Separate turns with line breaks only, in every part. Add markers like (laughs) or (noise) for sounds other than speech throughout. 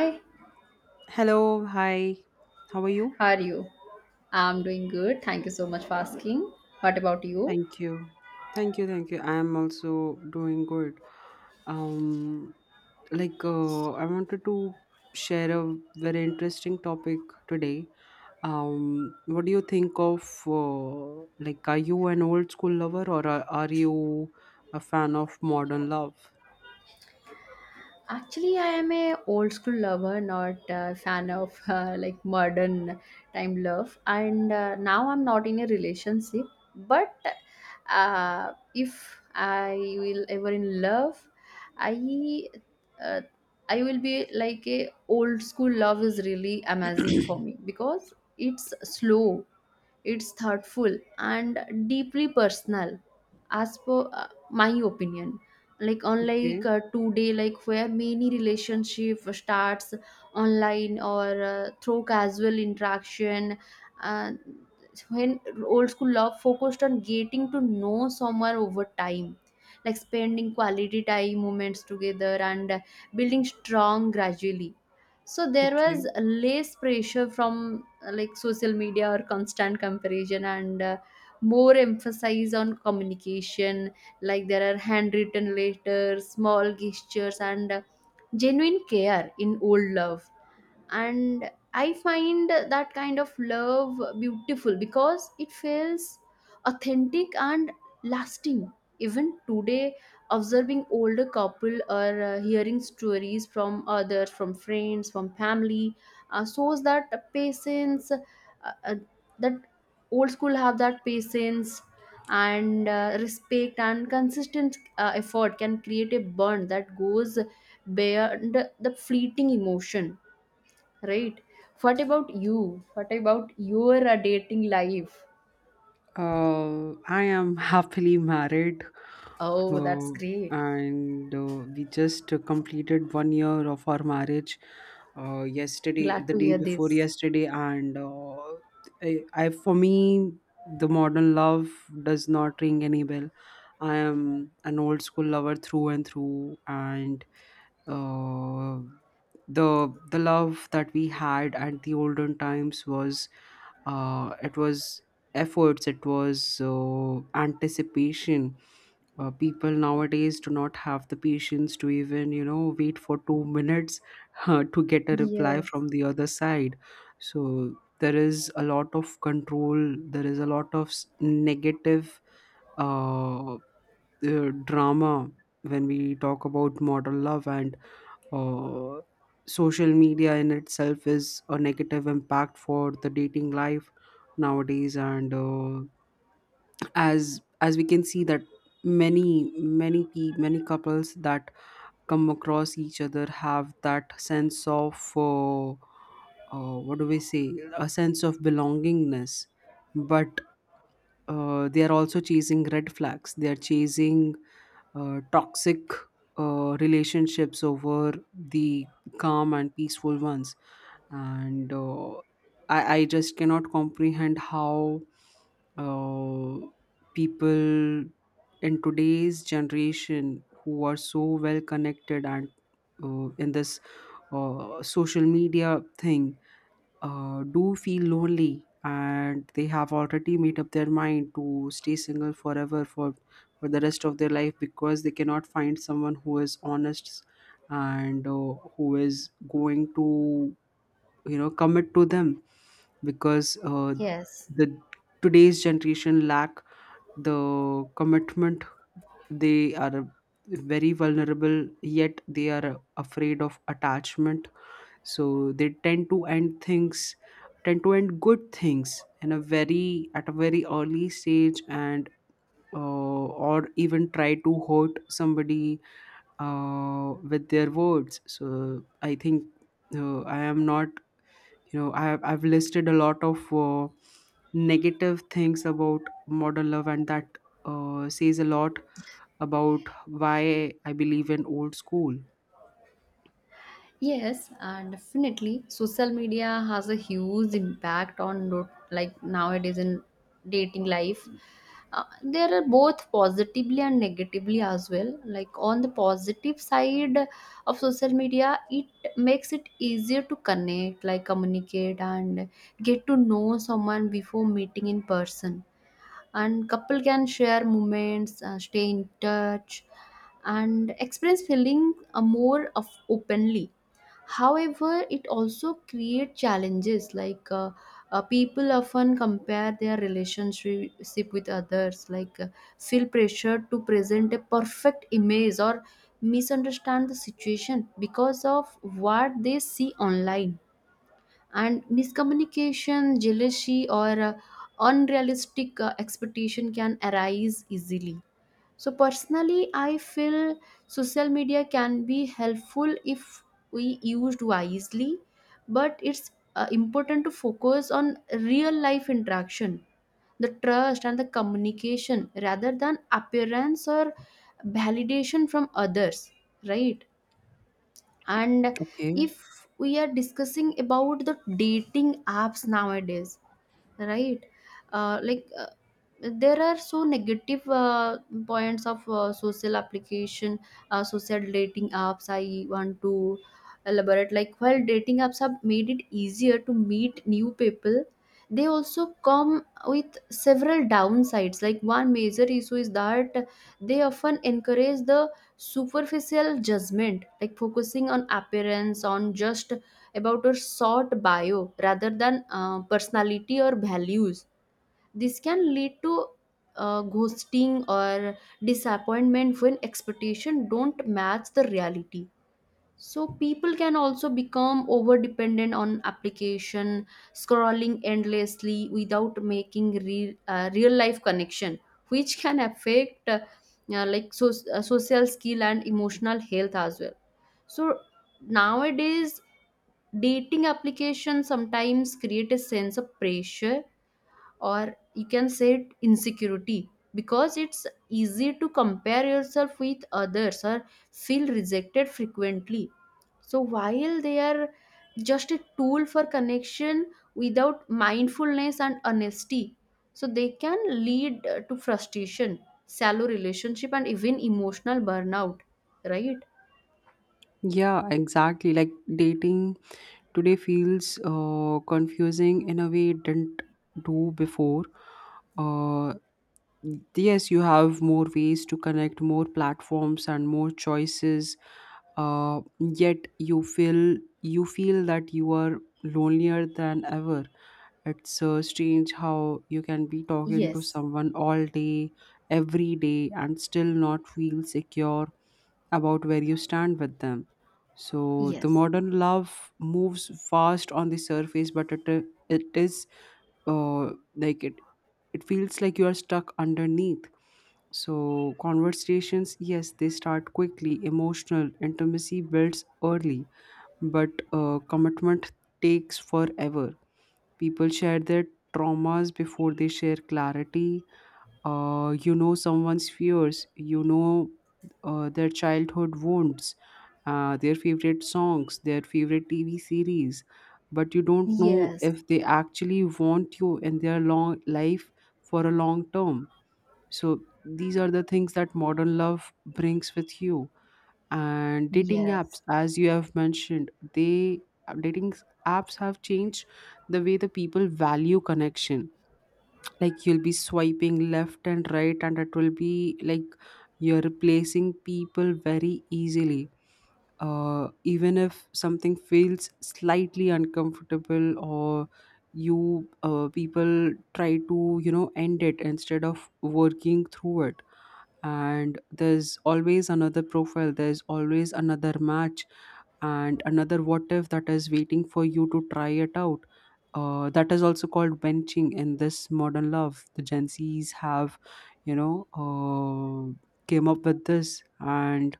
Hi,
Hello, hi. How are you?
how are you? I'm doing good. Thank you so much for asking. What about you?
Thank you. Thank you. I am also doing good. Um I wanted to share a very interesting topic today. What do you think of like are you an old school lover or are you a fan of modern love?
Actually, I am a old school lover, not a fan of (laughs) like modern time love. And now I'm not in a relationship. But if I will ever in love, I uh, I will be like a old school love is really amazing for me because it's slow. It's thoughtful and deeply personal, as per my opinion. Like
Okay,
unlike today, like where many relationship starts online or through casual interaction, uh, when old school love focused on getting to know someone over time, like spending quality time moments together and building strong gradually, so there
okay.
was less pressure from like social media or constant comparison, and more emphasis on communication, like there are handwritten letters, small gestures, and genuine care in old love. And I find that kind of love beautiful because it feels authentic and lasting even today. Observing older couple or hearing stories from others, from friends, from family, shows that patience uh, uh, that old school have that patience and respect and consistent effort can create a bond that goes beyond the fleeting emotion. Right. What about you? What about your dating life?
I am (laughs) happily married
Oh, that's
Uh,
great.
and uh, we just completed 1 year of our marriage yesterday,
Glad
the
to
day
hear
before
this.
yesterday. And for me, the modern love does not ring any bell. I am an old school lover through and through, and uh, the love that we had at the olden times was it was efforts, it was anticipation. People nowadays do not have the patience to even you know wait for 2 minutes (laughs) to get a reply
Yes.
from the other side. So there is a lot of control, there is a lot of negative uh, drama when we talk about modern love. And uh, social media in itself is a negative impact for the dating life nowadays. And as we can see, that many many couples that come across each other have that sense of what do we say, a sense of belongingness, but they are also chasing red flags, they are chasing toxic relationships over the calm and peaceful ones. And uh, I, I just cannot comprehend how uh, people in today's generation who are so well connected and in this social media thing do feel lonely, and they have already made up their mind to stay single forever, for the rest of their life, because they cannot find someone who is honest and who is going to you know commit to them, because
Yes.
the today's generation lack the commitment. They are very vulnerable yet they are afraid of attachment, so they tend to end things, tend to end good things in a very, at a very early stage, and or even try to hurt somebody with their words. So I think I am not you know, I've listed a lot of negative things about modern love, and that says a lot about why I believe in old school.
Yes, and definitely social media has a huge impact on like nowadays in dating life. There are both positively and negatively as well. Like on the positive side of social media, it makes it easier to connect, like communicate and get to know someone before meeting in person. And couple can share moments, stay in touch, and experience feeling more of openly. However, it also creates challenges like people often compare their relationship with others, like, feel pressure to present a perfect image or misunderstand the situation because of what they see online. And miscommunication, jealousy, or unrealistic expectation can arise easily. So personally, I feel social media can be helpful if we used wisely, but it's important to focus on real life interaction, the trust and the communication rather than appearance or validation from others, right? And
Okay.
if we are discussing about the dating apps nowadays, right, uh, like uh, there are so negative points of social application, social dating apps I want to elaborate. Like while dating apps have made it easier to meet new people, they also come with several downsides. Like one major issue is that they often encourage the superficial judgment, like focusing on appearance, on just about our short bio rather than personality or values. This can lead to ghosting or disappointment when expectations don't match the reality. So people can also become over dependent on application, scrolling endlessly without making real life connection, which can affect like social skill and emotional health as well. So nowadays dating applications sometimes create a sense of pressure or you can say it insecurity because it's easy to compare yourself with others or feel rejected frequently. So while they are just a tool for connection, without mindfulness and honesty, so they can lead to frustration, shallow relationship, and even emotional burnout, right?
Yeah, exactly. Like dating today feels confusing in a way it didn't do before. Uh, yes, you have more ways to connect, more platforms and more choices. Uh, yet you feel that you are lonelier than ever. It's so strange how you can be talking to
Yes.
someone all day, every day, and still not feel secure about where you stand with them. So the
Yes.
modern love moves fast on the surface, but it is uh, like it it feels like you are stuck underneath. So conversations, yes, they start quickly. Emotional intimacy builds early, but commitment takes forever. People share their traumas before they share clarity. You know someone's fears. You know their childhood wounds, their favorite songs, their favorite TV series. But you don't know
Yes.
if they actually want you in their long life for a long term. So these are the things that modern love brings with you. And dating apps,
Yes.
as you have mentioned, they dating apps have changed the way the people value connection. Like you'll be swiping left and right, and it will be like you're replacing people very easily. Even if something feels slightly uncomfortable, or you people try to you know end it instead of working through it. And there's always another profile, there's always another match, and another what if, that is waiting for you to try it out. That is also called benching in this modern love, the gen z's have you know came up with this. And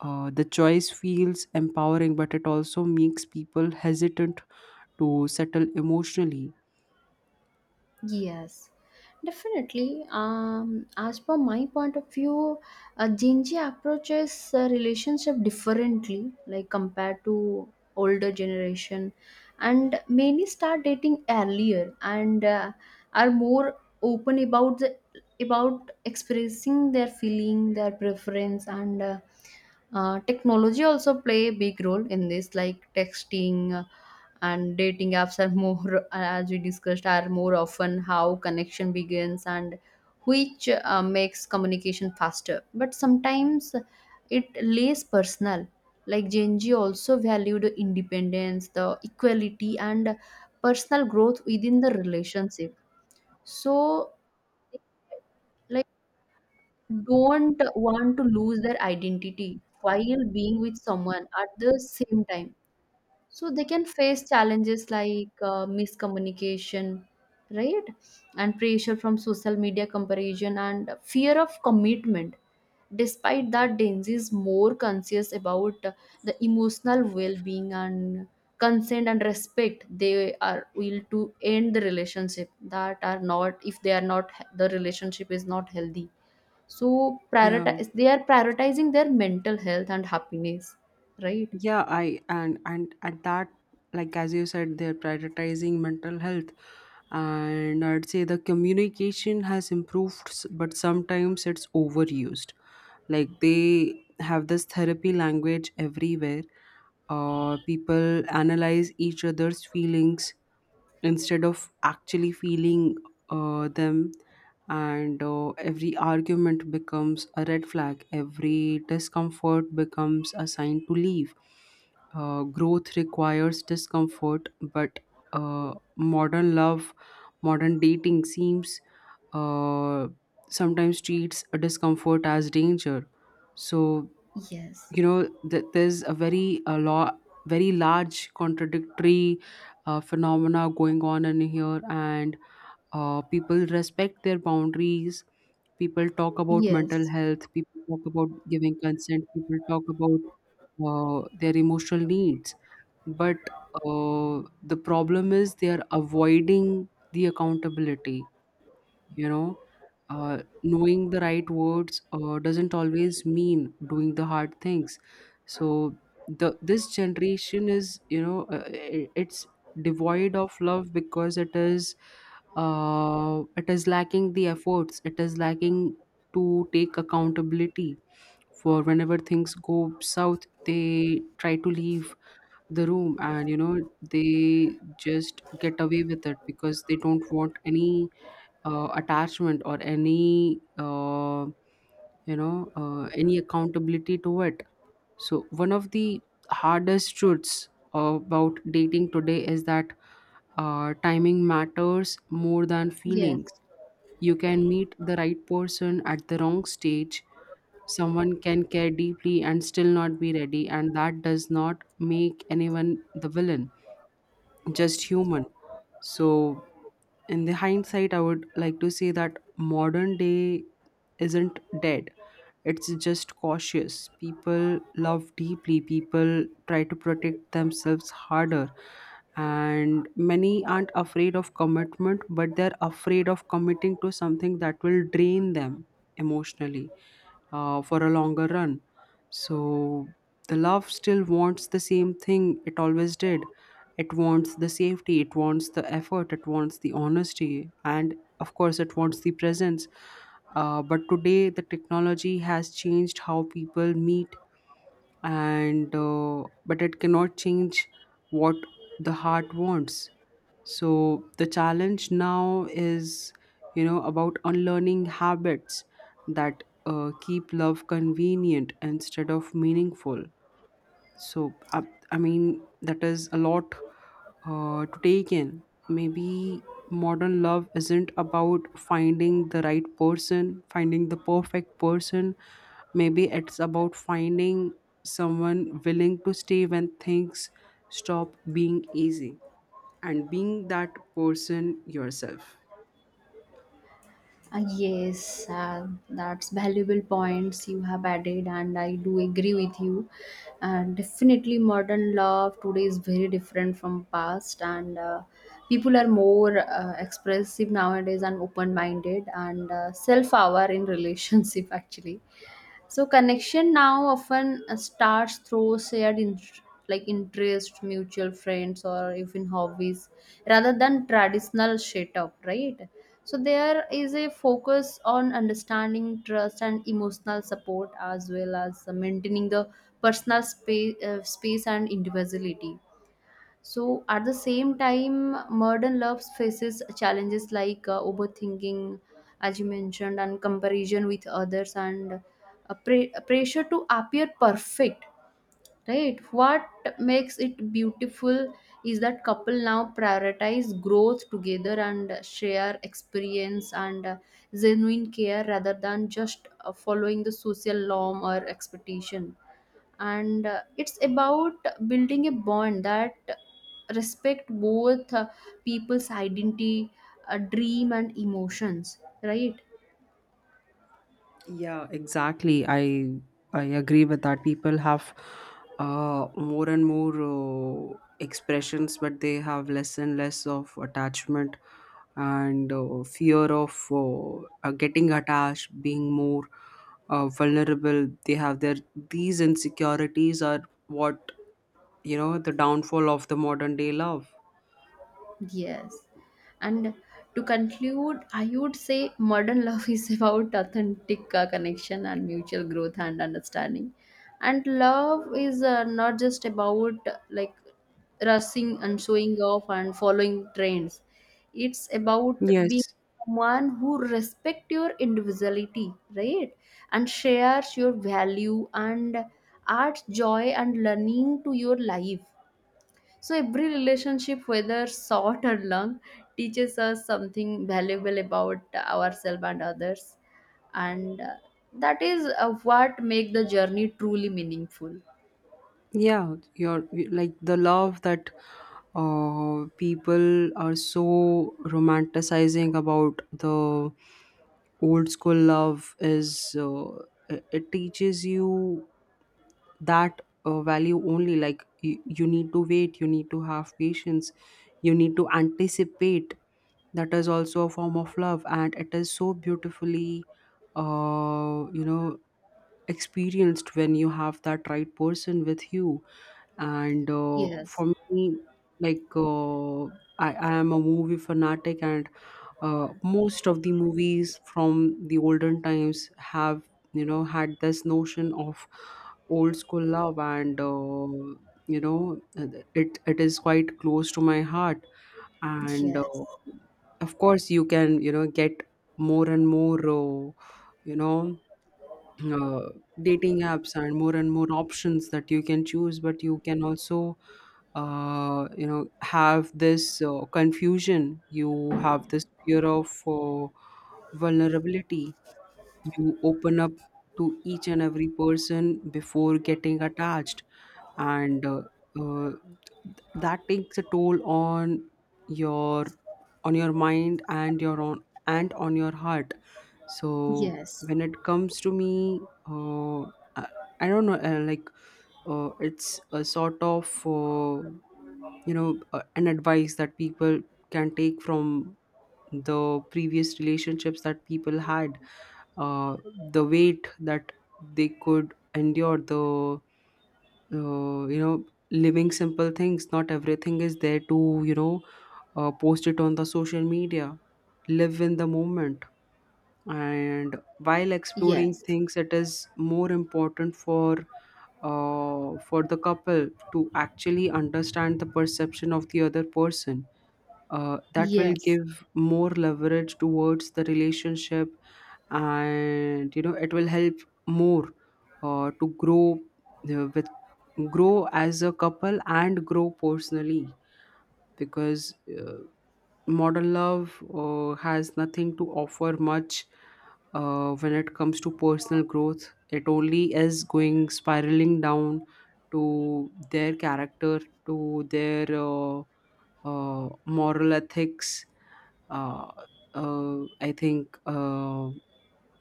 the choice feels empowering, but it also makes people hesitant to settle emotionally.
Yes, definitely. As per my point of view, Genji approaches relationship differently, like compared to older generation, and many start dating earlier and are more open about the, about expressing their feeling, their preference, and technology also play a big role in this, like texting and dating apps are (laughs) more, as we discussed, are more often how connection begins, and which makes communication faster. But sometimes it lays personal. Like Gen Z also valued independence, the equality, and personal growth within the relationship. So like don't want to lose their identity while being with someone at the same time. So they can face challenges like miscommunication, right? And pressure from social media comparison and fear of commitment. Despite that, Denzi is more conscious about the emotional well being and consent and respect. They are will to end the relationship that are not, if they are not, the relationship is not healthy. So,
yeah
prioritize they are prioritizing their mental health and happiness, right?
yeah I, and at that, like as you said, they're prioritizing mental health, and I'd say the communication has improved, but sometimes it's overused. Like they have this therapy language everywhere. People analyze each other's feelings instead of actually feeling them. And every argument becomes a red flag, every discomfort becomes a sign to leave. Growth requires discomfort, but uh, modern love modern dating seems uh, sometimes treats a discomfort as danger. So
Yes.
you know there's a very a lot, very large contradictory phenomena going on in here. And people respect their boundaries, people talk about mental
Yes.
health, people talk about giving consent, people talk about their emotional needs. But the problem is they are avoiding the accountability. You know, knowing the right words doesn't always mean doing the hard things. So the this generation is, you know, it's devoid of love, because it is lacking the efforts, it is lacking to take accountability. For whenever things go south, they try to leave the room, and you know they just get away with it, because they don't want any attachment or any you know any accountability to it. So one of the hardest truths about dating today is that timing matters more than
Yes.
feelings. You can meet the right person at the wrong stage. Someone can care deeply and still not be ready, and that does not make anyone the villain, just human. So in the hindsight, I would like to say that modern day isn't dead. It's just cautious. People love deeply, people try to protect themselves harder, and many aren't afraid of commitment, but they're afraid of committing to something that will drain them emotionally for a longer run. So the love still wants the same thing it always did. It wants the safety, it wants the effort, it wants the honesty, and of course, it wants the presence. But today, the technology has changed how people meet, and but it cannot change what the heart wants. So the challenge now is you know about unlearning habits that keep love convenient instead of meaningful. So I mean, that is a lot to take in. Maybe modern love isn't about finding the right person, finding the perfect person. Maybe it's about finding someone willing to stay when things stop being easy, and being that person yourself.
Yes, that's valuable points you have added, and I do agree with you. And definitely, modern love today is very different from past, and people are more expressive nowadays and open-minded and self-aware in relationship (laughs) actually. So connection now often starts through shared like interest, mutual friends, or even hobbies rather than traditional shit up, right? So there is a focus on understanding, trust, and emotional support, as well as maintaining the personal space, space and individuality. So, at the same time, modern love faces challenges like overthinking, as you mentioned, and comparison with others, and a pressure to appear perfect. Right? What makes it beautiful is that couple now prioritize growth together and share experience and genuine care rather than just following the social norm or expectation. And it's about building a bond that respect both people's identity, dream, and emotions, right?
Yeah, exactly. I agree with that. People have more and more expressions, but they have less and less of attachment, and fear of getting attached, being more vulnerable. They have their these insecurities are what you know the downfall of the modern day love.
Yes. And to conclude, I would say modern (laughs) love is about authentic connection and mutual growth and understanding. And love is not just about, like, rushing and showing off and following trends. It's about being
Yes.
someone who respect your individuality, right? And shares your value and adds joy and learning to your life. So every relationship, whether short or long, teaches us something valuable about ourselves and others, and that is what make the journey truly meaningful.
Yeah, your like the love that people are so romanticizing about, the old school love, is it teaches you that value, only like you need to wait, you need to have patience, you need to anticipate. That is also a form of love, and it is so beautifully, you know, experienced when you have that right person with you. And
Yes,
for me, like uh, I am a movie fanatic. And most of the movies from the olden times have you know had this notion of old school love. And you know it is quite close to my heart. And
yes,
of course you can you know get more and more you know uh, dating apps and more options that you can choose, but you can also you know have this confusion, you have this fear of vulnerability, you open up to each and every person before getting attached. And uh, that takes a toll on your, on your mind, and your on and on your heart. So
yes,
when it comes to me, I, I don't know like it's a sort of you know an advice that people can take from the previous relationships that people had. uh, the weight that they could endure, the you know living simple things, not everything is there to you know post it on the social media. Live in the moment. And while exploring
yes,
things, it is more important for the couple to actually understand the perception of the other person. That will
yes,
give more leverage towards the relationship. And you know it will help more to grow with grow as a couple and grow personally, because modern love has nothing to offer much when it comes to personal growth. It only is going spiraling down to their character, to their moral ethics. Uh, I think,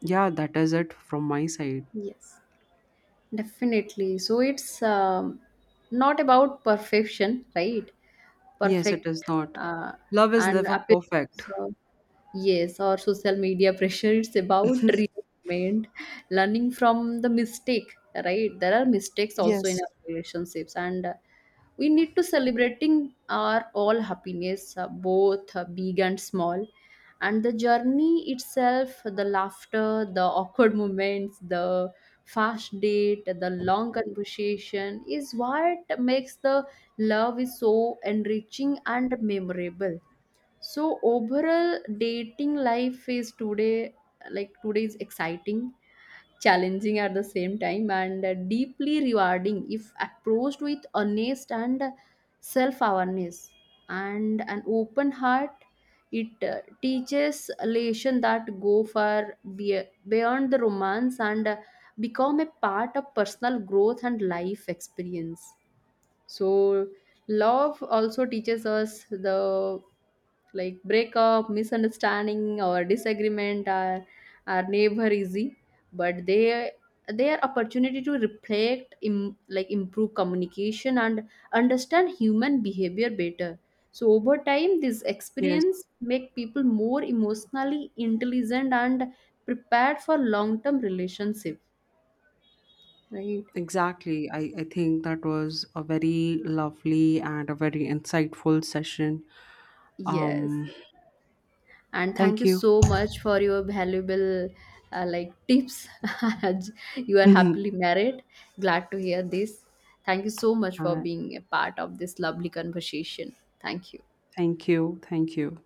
yeah, that is it from my side.
yes. Definitely. So it's not about perfection, right?
Yes, it
Perfect
is not.
uh,
Love is
and
never perfect.
appearance. Yes, or social media (laughs) pressure. It's about realignment, learning from the mistake, right? There are mistakes also in
Yes.
our relationships, and we need to celebrating our all happiness, both big and small. And the journey itself, the laughter, the (laughs) awkward moments, the fast date, the long conversation is what makes the love is so enriching and memorable. So overall, dating life is today, like today is exciting, challenging at the same time, and deeply rewarding if approached with honest and self-awareness and an open heart. It teaches a lesson that go far beyond the romance, and become a part of personal growth and life experience. So love also teaches us the, like, breakup, misunderstanding, or disagreement are never easy, but they are opportunity to reflect, like, improve communication and understand human behavior better. So over time this
Yes.
experience make people more emotionally intelligent and prepared for long term relationship, right?
Exactly. I think that was a very lovely and a very insightful session.
Yes,
Um,
and thank
thank
you
you.
so much for your valuable like tips. (laughs) As you
(laughs)
are
uh,
happily married, glad to hear this. Thank you so much for being a part of this lovely conversation. Thank you.
thank you. Thank you.